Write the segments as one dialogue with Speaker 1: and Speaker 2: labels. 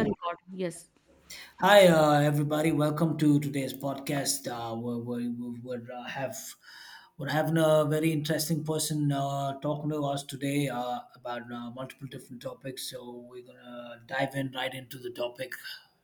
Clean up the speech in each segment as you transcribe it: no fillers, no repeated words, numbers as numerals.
Speaker 1: Recording. Yes,
Speaker 2: Hi, everybody. Welcome to today's podcast. We're having a very interesting person talking to us today about multiple different topics. So we're gonna dive in right into the topic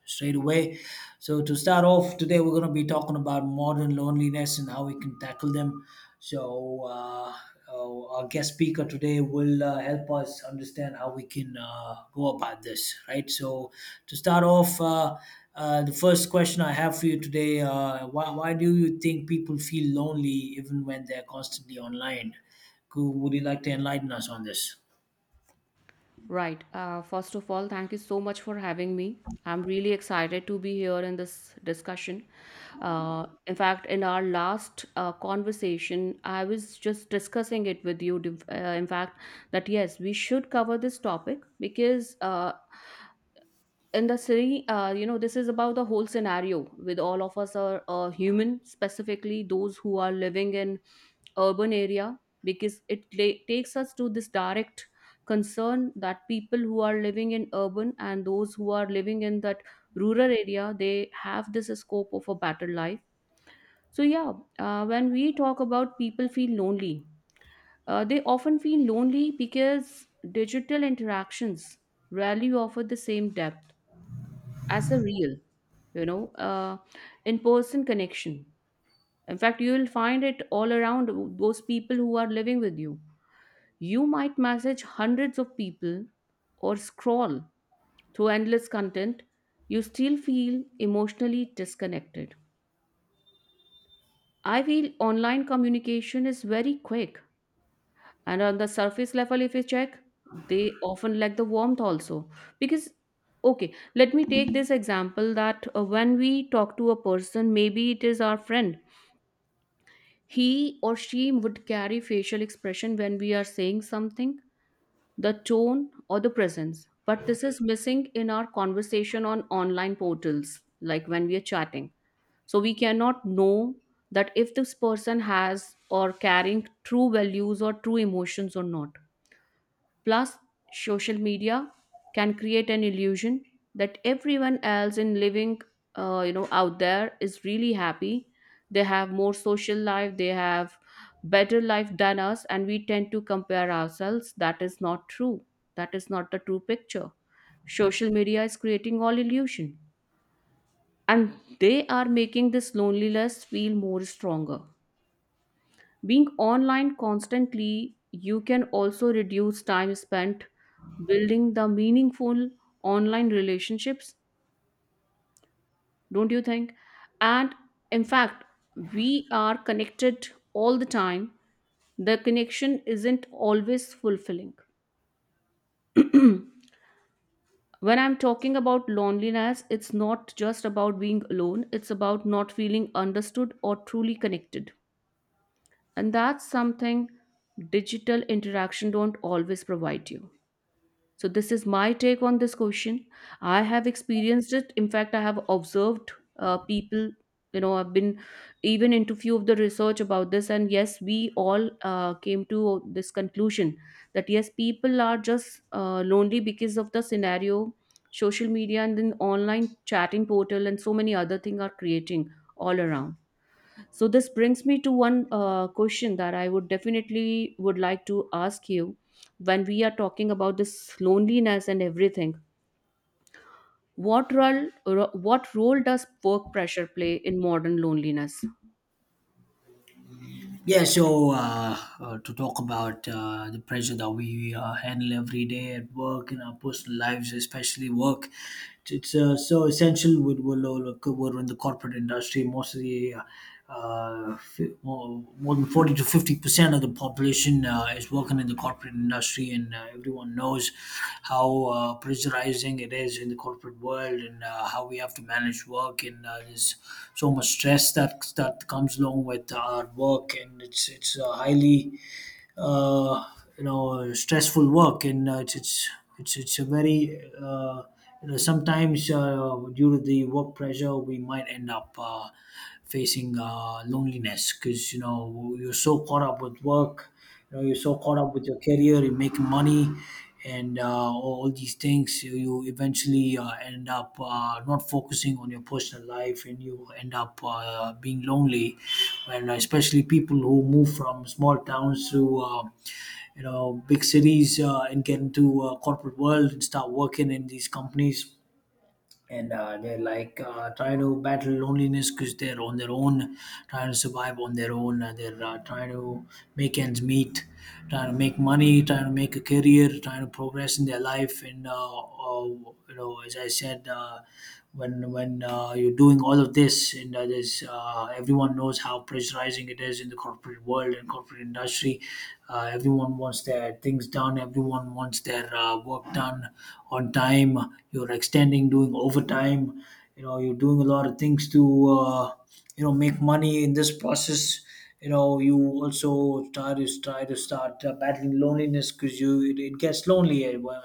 Speaker 2: straight away. So to start off today, we're gonna be talking about modern loneliness and how we can tackle them. So, uh, our guest speaker today will help us understand how we can go about this, right? To start off, the first question I have for you today, why do you think people feel lonely even when they're constantly online? Would you like to enlighten us on this?
Speaker 1: right. First of all, thank you so much for having me. I'm really excited to be here in this discussion. In fact, in our last conversation, I was just discussing it with you. That yes, we should cover this topic because in the city, you know, this is about the whole scenario with all of us are human, specifically those who are living in urban area, because it takes us to this direct concern that people who are living in urban and those who are living in that rural area, they have this scope of a better life. So yeah, when we talk about people feel lonely, they often feel lonely because digital interactions rarely offer the same depth as a real, you know, uh, in person connection. In fact, you will find it all around those people who are living with you. You might message hundreds of people or scroll through endless content, you still feel emotionally disconnected. I feel online communication is very quick, and on the surface level if you check, they often lack the warmth also, because okay, let me take this example that when we talk to a person, maybe it is our friend, he or she would carry facial expression when we are saying something, the tone or the presence, but this is missing in our conversation on online portals, like when we are chatting. So we cannot know that if this person has or carrying true values or true emotions or not. Plus, social media can create an illusion that everyone else in living, out there is really happy. They have more social life. They have better life than us, and we tend to compare ourselves. That is not true. That is not the true picture. Social media is creating all illusion, and they are making this loneliness feel more stronger. Being online constantly, you can also reduce time spent building the meaningful online relationships, don't you think? And in fact, we are connected all the time. The connection isn't always fulfilling. When I'm talking about loneliness, it's not just about being alone, it's about not feeling understood or truly connected. And that's something digital interaction don't always provide you. So, this is my take on this question. I have experienced it. In fact, I have observed people, you know, I've been even into few of the research about this. And yes, we all came to this conclusion that yes, people are just lonely because of the scenario, social media, and then online chatting portal, and so many other things are creating all around. So this brings me to one question that I would definitely would like to ask you. When we are talking about this loneliness and everything, what role does work pressure play in modern loneliness?
Speaker 2: To talk about the pressure that we handle every day at work in our personal lives, especially work, it's so essential. With we're in the corporate industry, mostly. More than forty to fifty fifty percent of the population is working in the corporate industry, and everyone knows how pressurizing it is in the corporate world, and how we have to manage work, and there's so much stress that comes along with our work, and it's highly, uh, you know, stressful work. And it's a very, you know, sometimes due to the work pressure we might end up facing loneliness, because you know you're so caught up with work, you know you're so caught up with your career, you're making money, and all these things, you eventually end up not focusing on your personal life and you end up being lonely. And especially people who move from small towns to, you know, big cities and get into corporate world and start working in these companies, and they're like trying to battle loneliness because they're on their own, trying to survive on their own. They're trying to make ends meet, trying to make money, trying to make a career, trying to progress in their life. And you know, as I said, when you're doing all of this, and there's, everyone knows how pressurizing it is in the corporate world and corporate industry. Everyone wants their things done, everyone wants their work done on time, you're extending, doing overtime, you know you're doing a lot of things to, uh, you know, make money in this process. You know you also try to start battling loneliness, because it gets lonely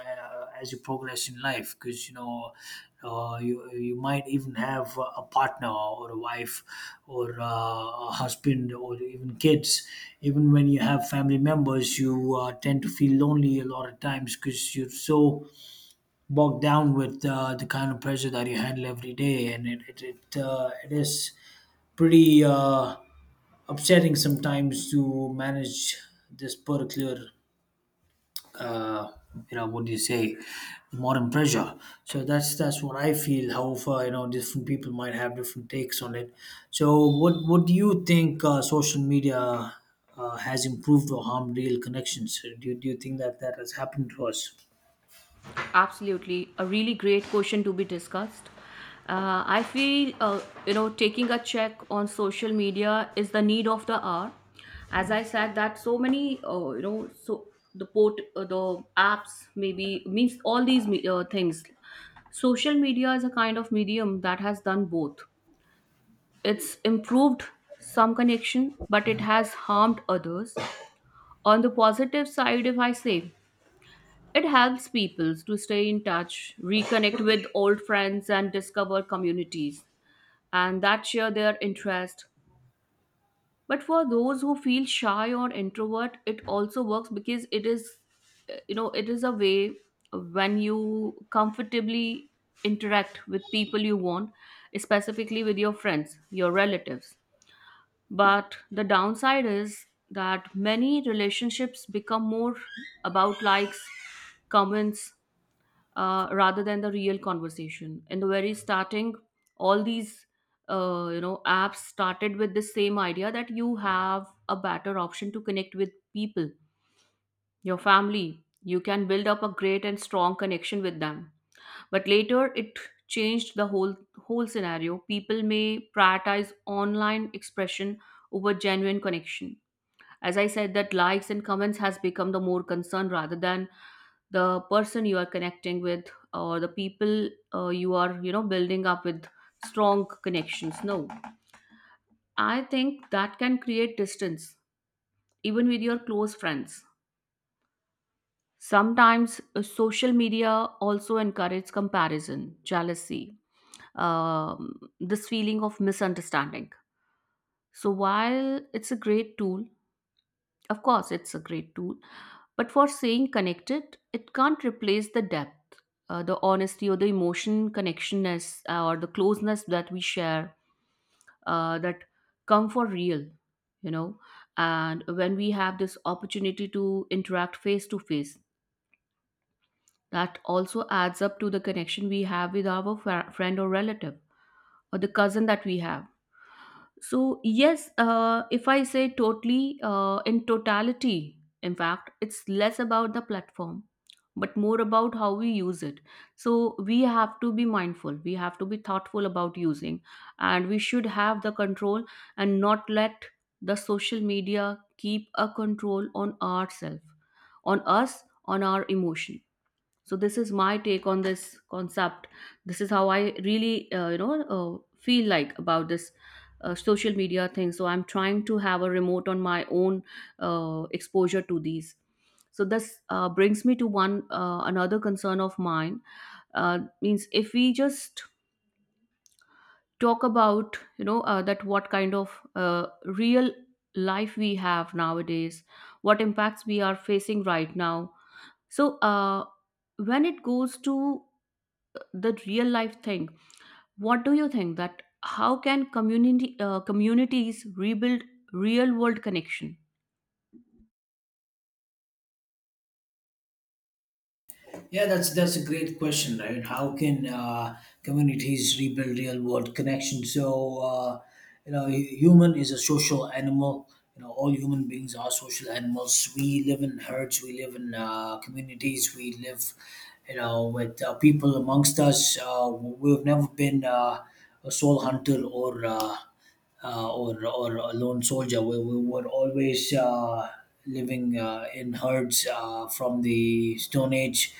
Speaker 2: as you progress in life, because you know you you might even have a partner or a wife or a husband or even kids. Even when you have family members you tend to feel lonely a lot of times because you're so bogged down with the kind of pressure that you handle every day, and it is pretty, upsetting sometimes to manage this particular, uh, you know, what do you say, modern pressure. So that's what I feel. However, you know, different people might have different takes on it. So what do you think, social media, has improved or harmed real connections? Do you think that that has happened to us?
Speaker 1: Absolutely, a really great question to be discussed. I feel taking a check on social media is the need of the hour. As I said, that so many so the port the apps maybe means all these things. Social media is a kind of medium that has done both. It's improved some connection, but it has harmed others. On the positive side, if I say, it helps people to stay in touch, reconnect with old friends, and discover communities and that share their interest. But for those who feel shy or introvert, it also works because it is a way when you comfortably interact with people you want, specifically with your friends, your relatives. But the downside is that many relationships become more about likes, comments, rather than the real conversation. In the very starting, all these apps started with the same idea that you have a better option to connect with people, your family. You can build up a great and strong connection with them. But later, it changed the whole scenario. People may prioritize online expression over genuine connection. As I said, that likes and comments has become the more concern rather than the person you are connecting with, or the people you are building up with strong connections, no? I think that can create distance even with your close friends. Sometimes social media also encourages comparison, jealousy, this feeling of misunderstanding. So while it's a great tool, of course it's a great tool. But for staying connected, it can't replace the depth, the honesty, or the emotion connectionness, or the closeness that we share, that come for real, you know. And when we have this opportunity to interact face to face, that also adds up to the connection we have with our friend or relative or the cousin that we have. So yes, if I say totally in totality, in fact, it's less about the platform, but more about how we use it. So we have to be mindful. We have to be thoughtful about using, and we should have the control and not let the social media keep a control on ourselves, on us, on our emotion. So this is my take on this concept. This is how I really feel like about this social media thing. So I'm trying to have a remote on my own exposure to these. So this brings me to one another concern of mine, means if we just talk about, you know, that what kind of real life we have nowadays, what impacts we are facing right now. So when it goes to the real life thing, what do you think that how can community communities rebuild real world connection?
Speaker 2: Yeah, that's a great question, right? How can communities rebuild real world connection? You know, human is a social animal. You know, all human beings are social animals. We live in herds. We live in communities. We live, you know, with people amongst us. We've never been a soul hunter or. Or a lone soldier. We were always living in herds from the Stone Age,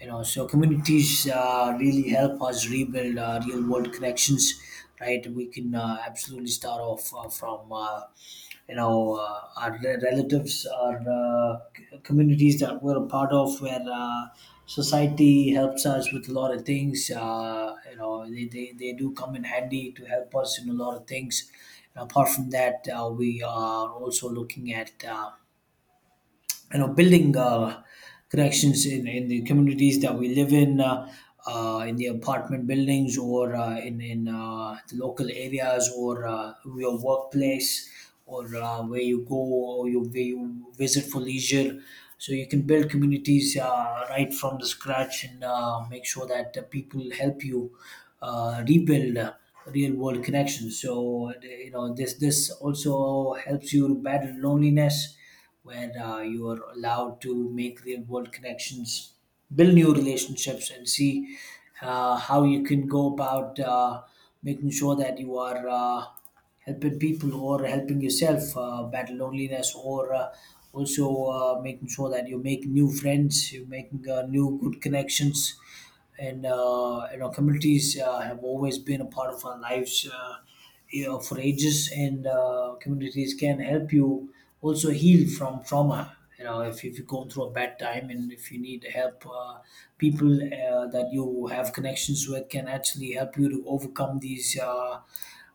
Speaker 2: you know. So communities really help us rebuild real world connections, right? We can absolutely start off from. You know, our relatives, our communities that we're a part of, where society helps us with a lot of things. Uh, you know they do come in handy to help us in a lot of things. And apart from that we are also looking at, you know, building connections in the communities that we live in, in the apartment buildings, or in the local areas, or your workplace, or where you go, or where you visit for leisure. So you can build communities right from the scratch and make sure that people help you rebuild real world connections. So you know this this also helps you to battle loneliness, where you are allowed to make real world connections, build new relationships, and see how you can go about making sure that you are helping people or helping yourself battle loneliness, or also making sure that you make new friends, you're making new good connections. And you know, communities have always been a part of our lives you know, for ages. And communities can help you also heal from trauma. You know, if you go through a bad time and if you need help, people that you have connections with can actually help you to overcome these, uh,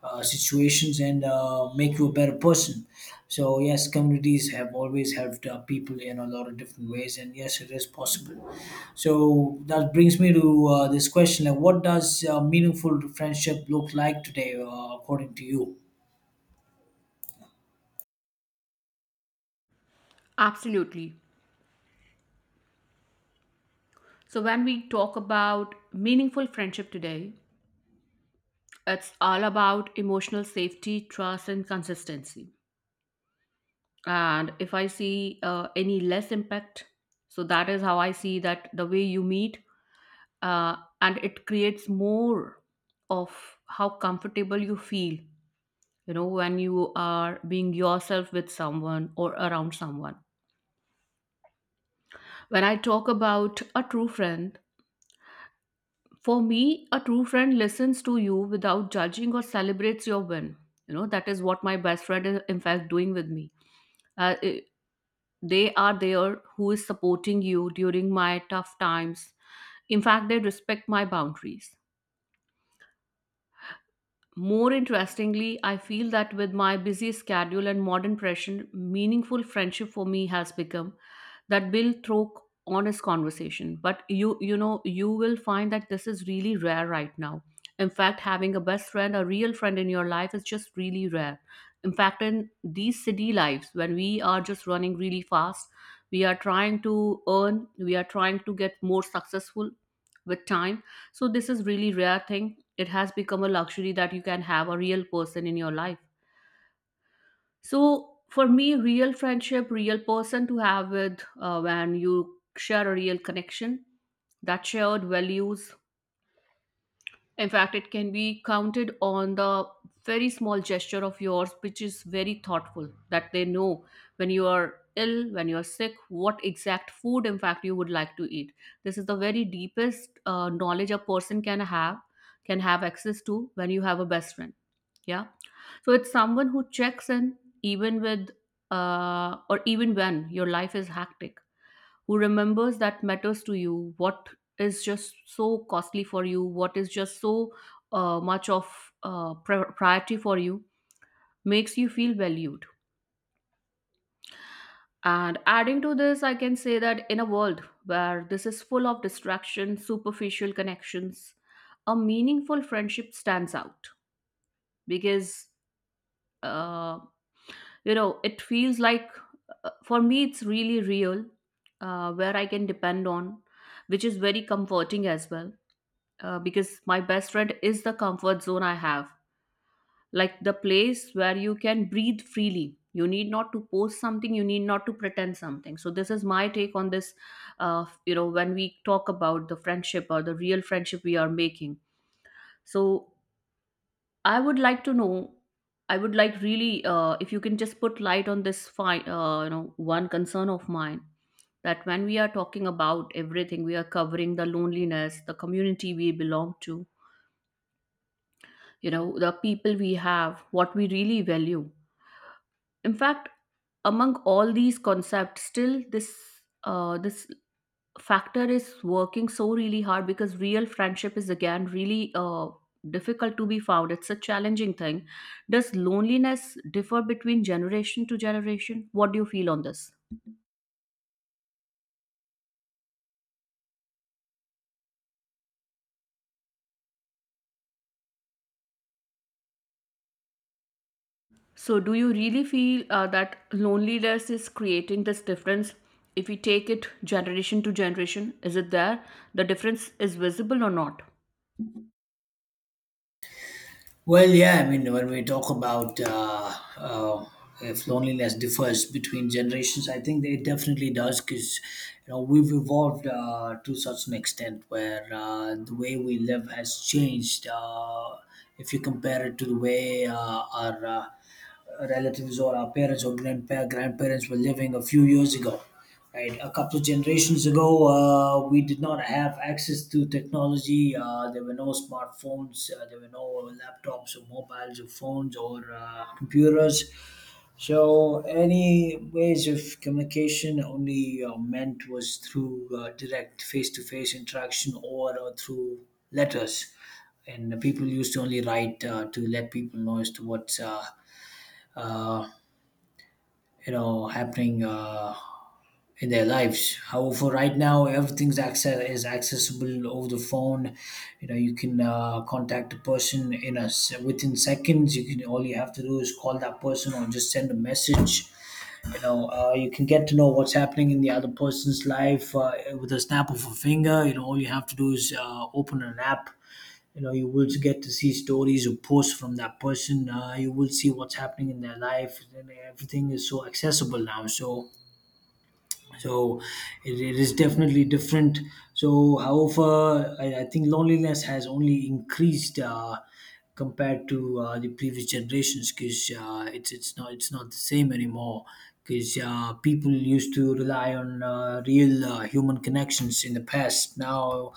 Speaker 2: uh, situations, and make you a better person. So yes, communities have always helped people in a lot of different ways, and yes, it is possible. So that brings me to this question: like, what does meaningful friendship look like today, according to you?
Speaker 1: Absolutely. So when we talk about meaningful friendship today, it's all about emotional safety, trust, and consistency. And if I see any less impact, so that is how I see, that the way you meet, uh, and it creates more of how comfortable you feel, you know, when you are being yourself with someone or around someone. When I talk about a true friend, for me, a true friend listens to you without judging or celebrates your win. You know that is what my best friend is in fact doing with me. uh, i- they are there who is supporting you during my tough times. In fact, they respect my boundaries. More interestingly, I feel that with my busy schedule and modern pressure, meaningful friendship for me has become that will throw honest conversation. But you will find that this is really rare right now. In fact, having a best friend, a real friend in your life is just really rare. In fact, in these city lives, when we are just running really fast, we are trying to earn, we are trying to get more successful with time. So this is really rare thing. It has become a luxury that you can have a real person in your life. So for me, real friendship, real person to have with, when you share a real connection, that shared values, in fact it can be counted on the very small gesture of yours, which is very thoughtful that they know when you are ill, when you are sick, what exact food in fact you would like to eat. This is the very deepest knowledge a person can have, can have access to when you have a best friend. Yeah. So it's someone who checks in even with, or even when your life is hectic, who remembers that matters to you, what is just so costly for you, what is just so much of priority for you, makes you feel valued. And adding to this, I can say that in a world where this is full of distraction, superficial connections, a meaningful friendship stands out because uh, it feels like, for me it's really real, where I can depend on, which is very comforting as well, because my best friend is the comfort zone I have, like the place where you can breathe freely. You need not to post something, you need not to pretend something. So this is my take on this, when we talk about the friendship or the real friendship we are making. So, I would like to know. I would like really, if you can just put light on this, fine, one concern of mine, that when we are talking about everything, we are covering the loneliness, the community we belong to, you know, the people we have, what we really value. In fact, among all these concepts, still this factor is working so really hard because real friendship is again really difficult to be found. It's a challenging thing. Does loneliness differ between generation to generation? What do you feel on this? So do you really feel that loneliness is creating this difference? If we take it generation to generation, is it there? The difference is visible or not?
Speaker 2: Well, yeah, I mean, when we talk about, if loneliness differs between generations, I think it definitely does, because you know we've evolved to such an extent where the way we live has changed. If you compare it to the way our relatives or our parents or grandparents were living a few years ago. Right, a couple of generations ago, we did not have access to technology. There were no smartphones, there were no laptops or mobiles or phones or computers. So, any ways of communication only meant was through direct face to face interaction or through letters. And the people used to only write to let people know as to what's, uh, you know, happening in their lives. However, right now everything's access is accessible over the phone. You know you can contact a person in a within seconds. You can, all you have to do is call that person or just send a message. You know you can get to know what's happening in the other person's life with a snap of a finger. You know all you have to do is open an app, you know you will get to see stories or posts from that person, you will see what's happening in their life and everything is so accessible now. So so it, it is definitely different. So however, I think loneliness has only increased compared to the previous generations, because it's not the same anymore, because people used to rely on real human connections in the past. Now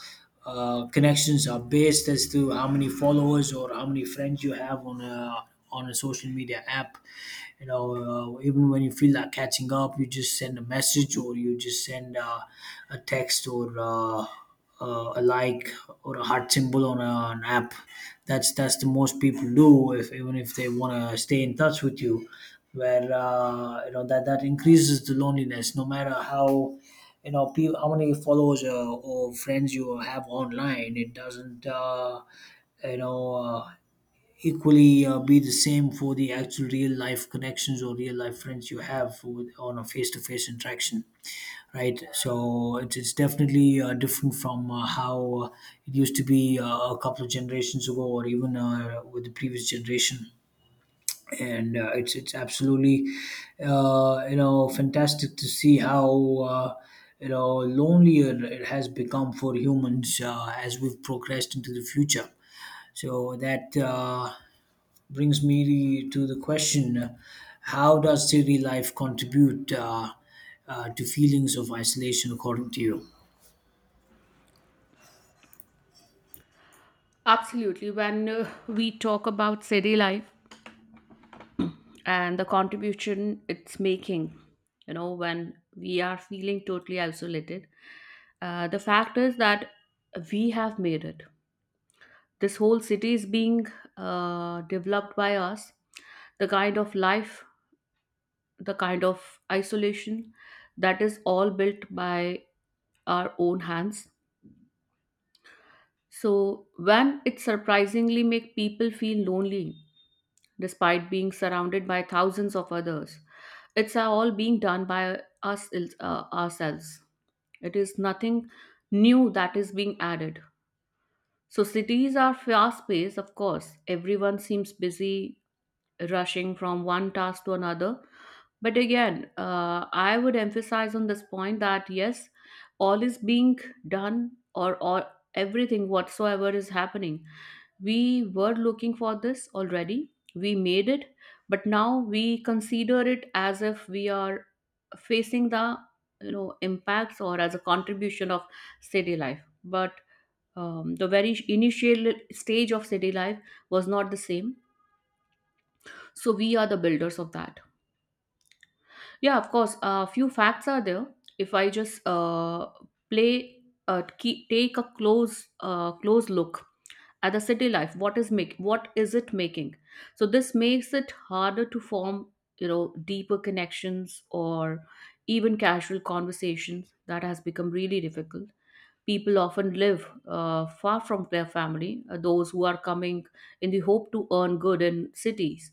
Speaker 2: connections are based as to how many followers or how many friends you have on a, on a social media app. You know even when you feel like catching up you just send a message, or you just send a text or a like or a heart symbol on an app. That's the most people do, if even if they want to stay in touch with you, where you know that that increases the loneliness, no matter how, you know, how many followers or friends you have online. It doesn't you know equally be the same for the actual real life connections or real life friends you have with, on a face to face interaction, right? So it's definitely different from how it used to be a couple of generations ago, or even with the previous generation. And it's absolutely, you know, fantastic to see how you know, lonelier it has become for humans as we've progressed into the future. So that brings me to the question: how does city life contribute, to feelings of isolation, according to you?
Speaker 1: Absolutely. When we talk about city life and the contribution it's making, you know, when we are feeling totally isolated, the fact is that we have made it. This whole city is being developed by us. The kind of life, the kind of isolation, that is all built by our own hands. So when it surprisingly make people feel lonely despite being surrounded by thousands of others. It's all being done by us, ourselves. It is nothing new that is being added. So cities are fast paced, of course. Everyone seems busy rushing from one task to another. But again, I would emphasize on this point that yes, all is being done or everything whatsoever is happening, we were looking for this already, we made it, but now we consider it as if we are facing the, you know, impacts or as a contribution of city life. But the very initial stage of city life was not the same, so we are the builders of that. Yeah, of course a few facts are there. If I just play, take a close look at the city life, what is make, what is it making? So this makes it harder to form, you know, deeper connections or even casual conversations, that has become really difficult. People often live far from their family, those who are coming in the hope to earn good in cities,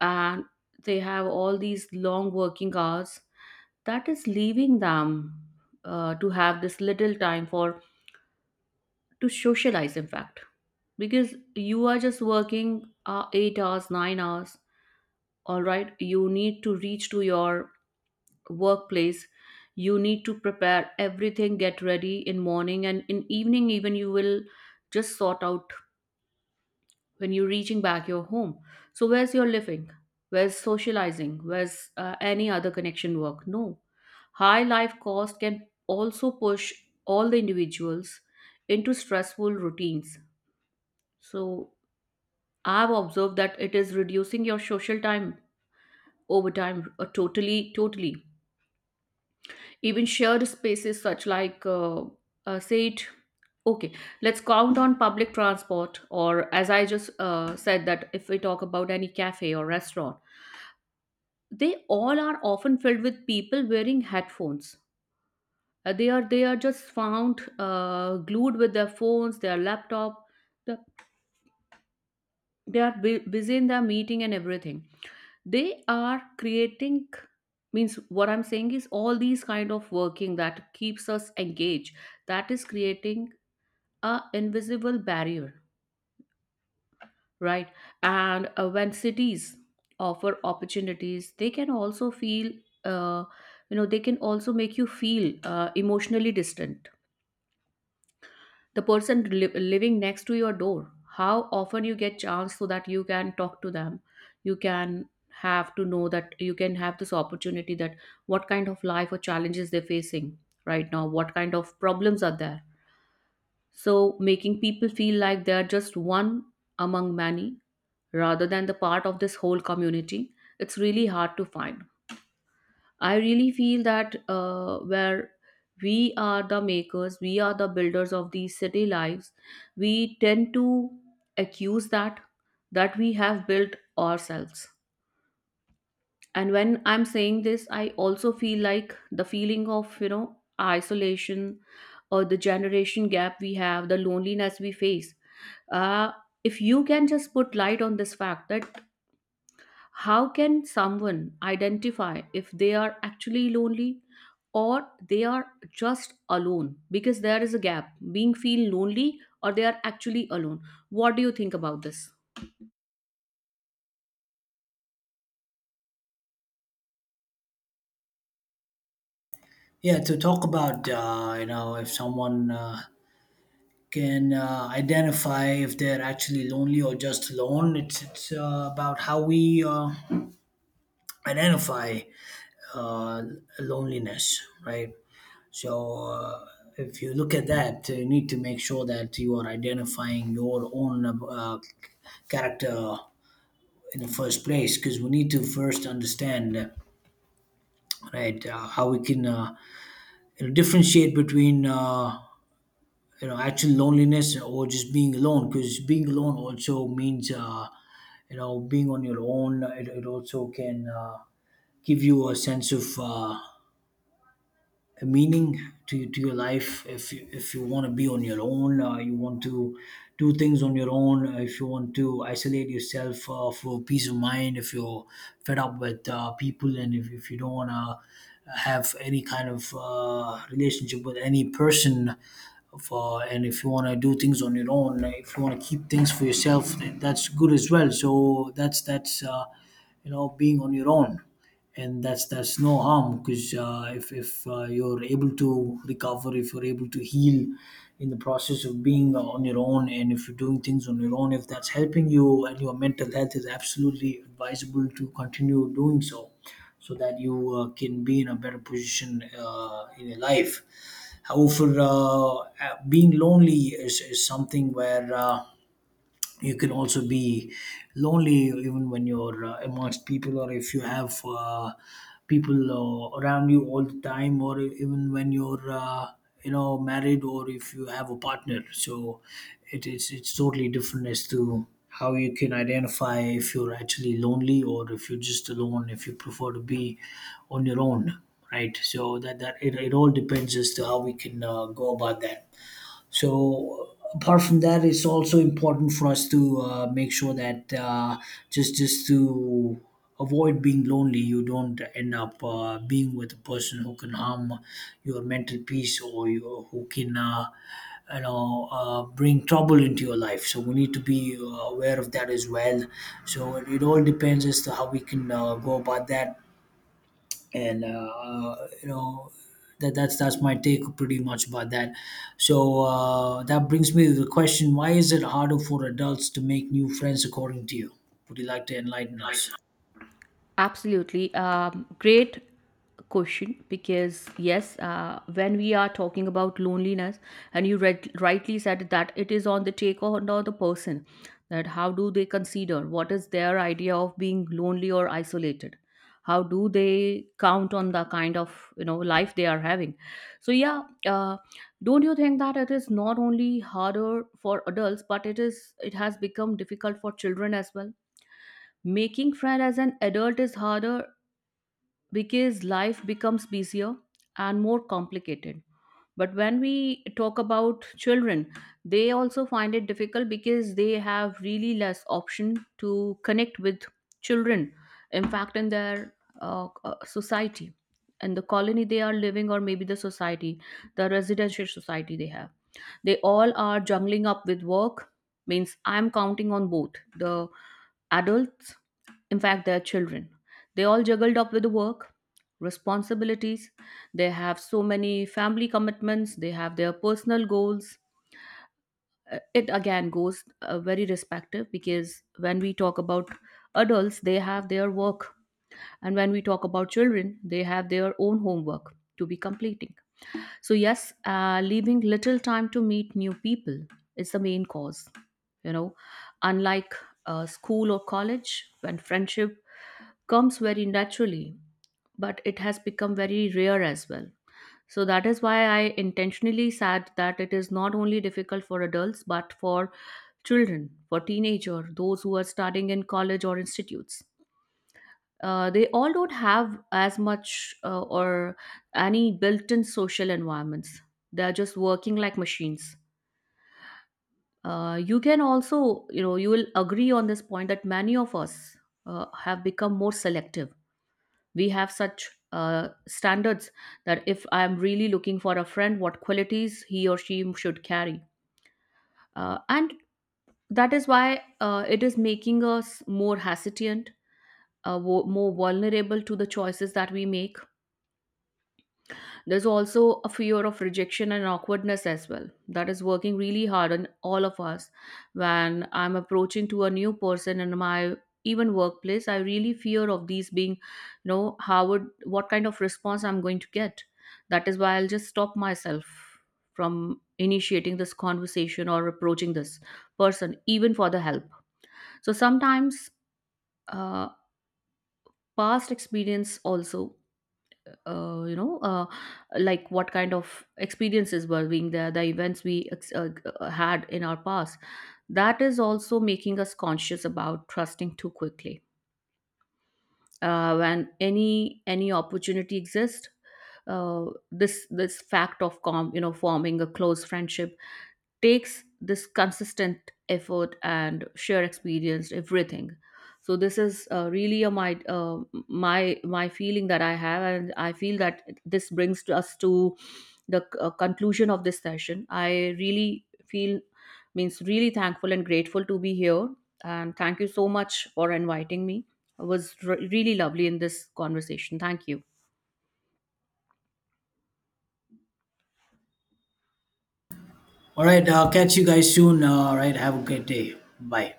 Speaker 1: and they have all these long working hours, that is leaving them to have this little time for, to socialize. In fact, because you are just working 8 hours 9 hours, all right, you need to reach to your workplace, you need to prepare everything, get ready in morning and in evening, even you will just sort out when you're reaching back your home. So where's your living, where's socializing, where's any other connection work? No, high life cost can also push all the individuals into stressful routines. So I've observed that it is reducing your social time over time, totally, totally. Even shared spaces such like, uh, say it, okay, let's count on public transport, or as I just said, that if we talk about any cafe or restaurant, they all are often filled with people wearing headphones. They are they are just found glued with their phones, their laptop. The, they are busy in their meeting and everything, they are creating. Means, what I'm saying is all these kind of working that keeps us engaged, that is creating a invisible barrier. Right? And when cities offer opportunities, they can also feel uh, you know, they can also make you feel emotionally distant. The person living next to your door, how often you get chance so that you can talk to them? You can have to know that you can have this opportunity that what kind of life or challenges they're facing right now, what kind of problems are there? So making people feel like they're just one among many rather than the part of this whole community. It's really hard to find. I really feel that where we are the makers, we are the builders of these city lives, we tend to accuse that we have built ourselves. And when I'm saying this, I also feel like the feeling of, you know, isolation or the generation gap we have, the loneliness we face. Uh, if you can just put light on this fact that how can someone identify if they are actually lonely or they are just alone? Because there is a gap being feel lonely or they are actually alone. What do you think about this?
Speaker 2: Yeah, to talk about, you know, if someone can identify if they're actually lonely or just alone, it's about how we identify uh, loneliness, right? So if you look at that, you need to make sure that you are identifying your own character in the first place, because we need to first understand right, how we can, you know, differentiate between you know, actual loneliness or just being alone. Because being alone also means you know being on your own. It also can give you a sense of a meaning to your life. If you want to be on your own, you want to do things on your own, if you want to isolate yourself for peace of mind, if you're fed up with people, and if you don't want to have any kind of relationship with any person, for, and if you want to do things on your own, like, if you want to keep things for yourself, that's good as well. So that's you know, being on your own. And that's no harm, because if you're able to recover, if you're able to heal in the process of being on your own, and if you're doing things on your own, if that's helping you and your mental health, is absolutely advisable to continue doing so, so that you can be in a better position in your life. However, being lonely is something where you can also be lonely even when you're amongst people, or if you have people around you all the time, or even when you're you know, married, or if you have a partner. So it is, it's totally different as to how you can identify if you're actually lonely or if you're just alone, if you prefer to be on your own, right? So it all depends as to how we can go about that. So apart from that, it's also important for us to make sure that just to avoid being lonely, you don't end up being with a person who can harm your mental peace, or you, who can. You know, bring trouble into your life. So we need to be aware of that as well. So it all depends as to how we can go about that. And you know that's my take pretty much about that. So that brings me to the question: why is it harder for adults to make new friends, according to you? Would you like to enlighten us?
Speaker 1: Absolutely. Great question, because yes, when we are talking about loneliness, and you read, rightly said that it is on the taker and on the person, that how do they consider what is their idea of being lonely or isolated? How do they count on the kind of, you know, life they are having? So yeah, don't you think that it is not only harder for adults, but it is, it has become difficult for children as well? Making friend as an adult is harder because life becomes busier and more complicated. But when we talk about children, they also find it difficult because they have really less option to connect with children, in fact, in their society, and the colony they are living, or maybe the society, the residential society they have, they all are juggling up with work. Means, I'm counting on both the adults, in fact their children, they all juggled up with the work responsibilities. They have so many family commitments, they have their personal goals. It again goes very respective because when we talk about adults, they have their work. And when we talk about children, they have their own homework to be completing. So yes, leaving little time to meet new people is the main cause. You know, unlike school or college, when friendship comes very naturally, but it has become very rare as well. So that is why I intentionally said that it is not only difficult for adults but for children, for teenager, those who are studying in college or institutes. They all don't have as much, or any built-in social environments. They are just working like machines. You can also, you know, you will agree on this point that many of us have become more selective. We have such standards that if I am really looking for a friend, what qualities he or she should carry. And that is why it is making us more hesitant, more vulnerable to the choices that we make. There's also a fear of rejection and awkwardness as well. That is working really hard on all of us. When I'm approaching to a new person in my even workplace, I really fear of these being, you know, how would, what kind of response I'm going to get. That is why I'll just stop myself from initiating this conversation or approaching this person, even for the help. So sometimes uh, past experience also, you know, like what kind of experiences were being there, the events we had in our past, that is also making us conscious about trusting too quickly when any opportunity exists. uh, this fact of com you know forming a close friendship takes this consistent effort and shared experience, everything. So this is really my my feeling that I have, and I feel that this brings to us to the conclusion of this session. I really feel, means, really thankful and grateful to be here, and thank you so much for inviting me. It was really lovely in this conversation. Thank you.
Speaker 2: All right, catch you guys soon. All right, have a great day, bye.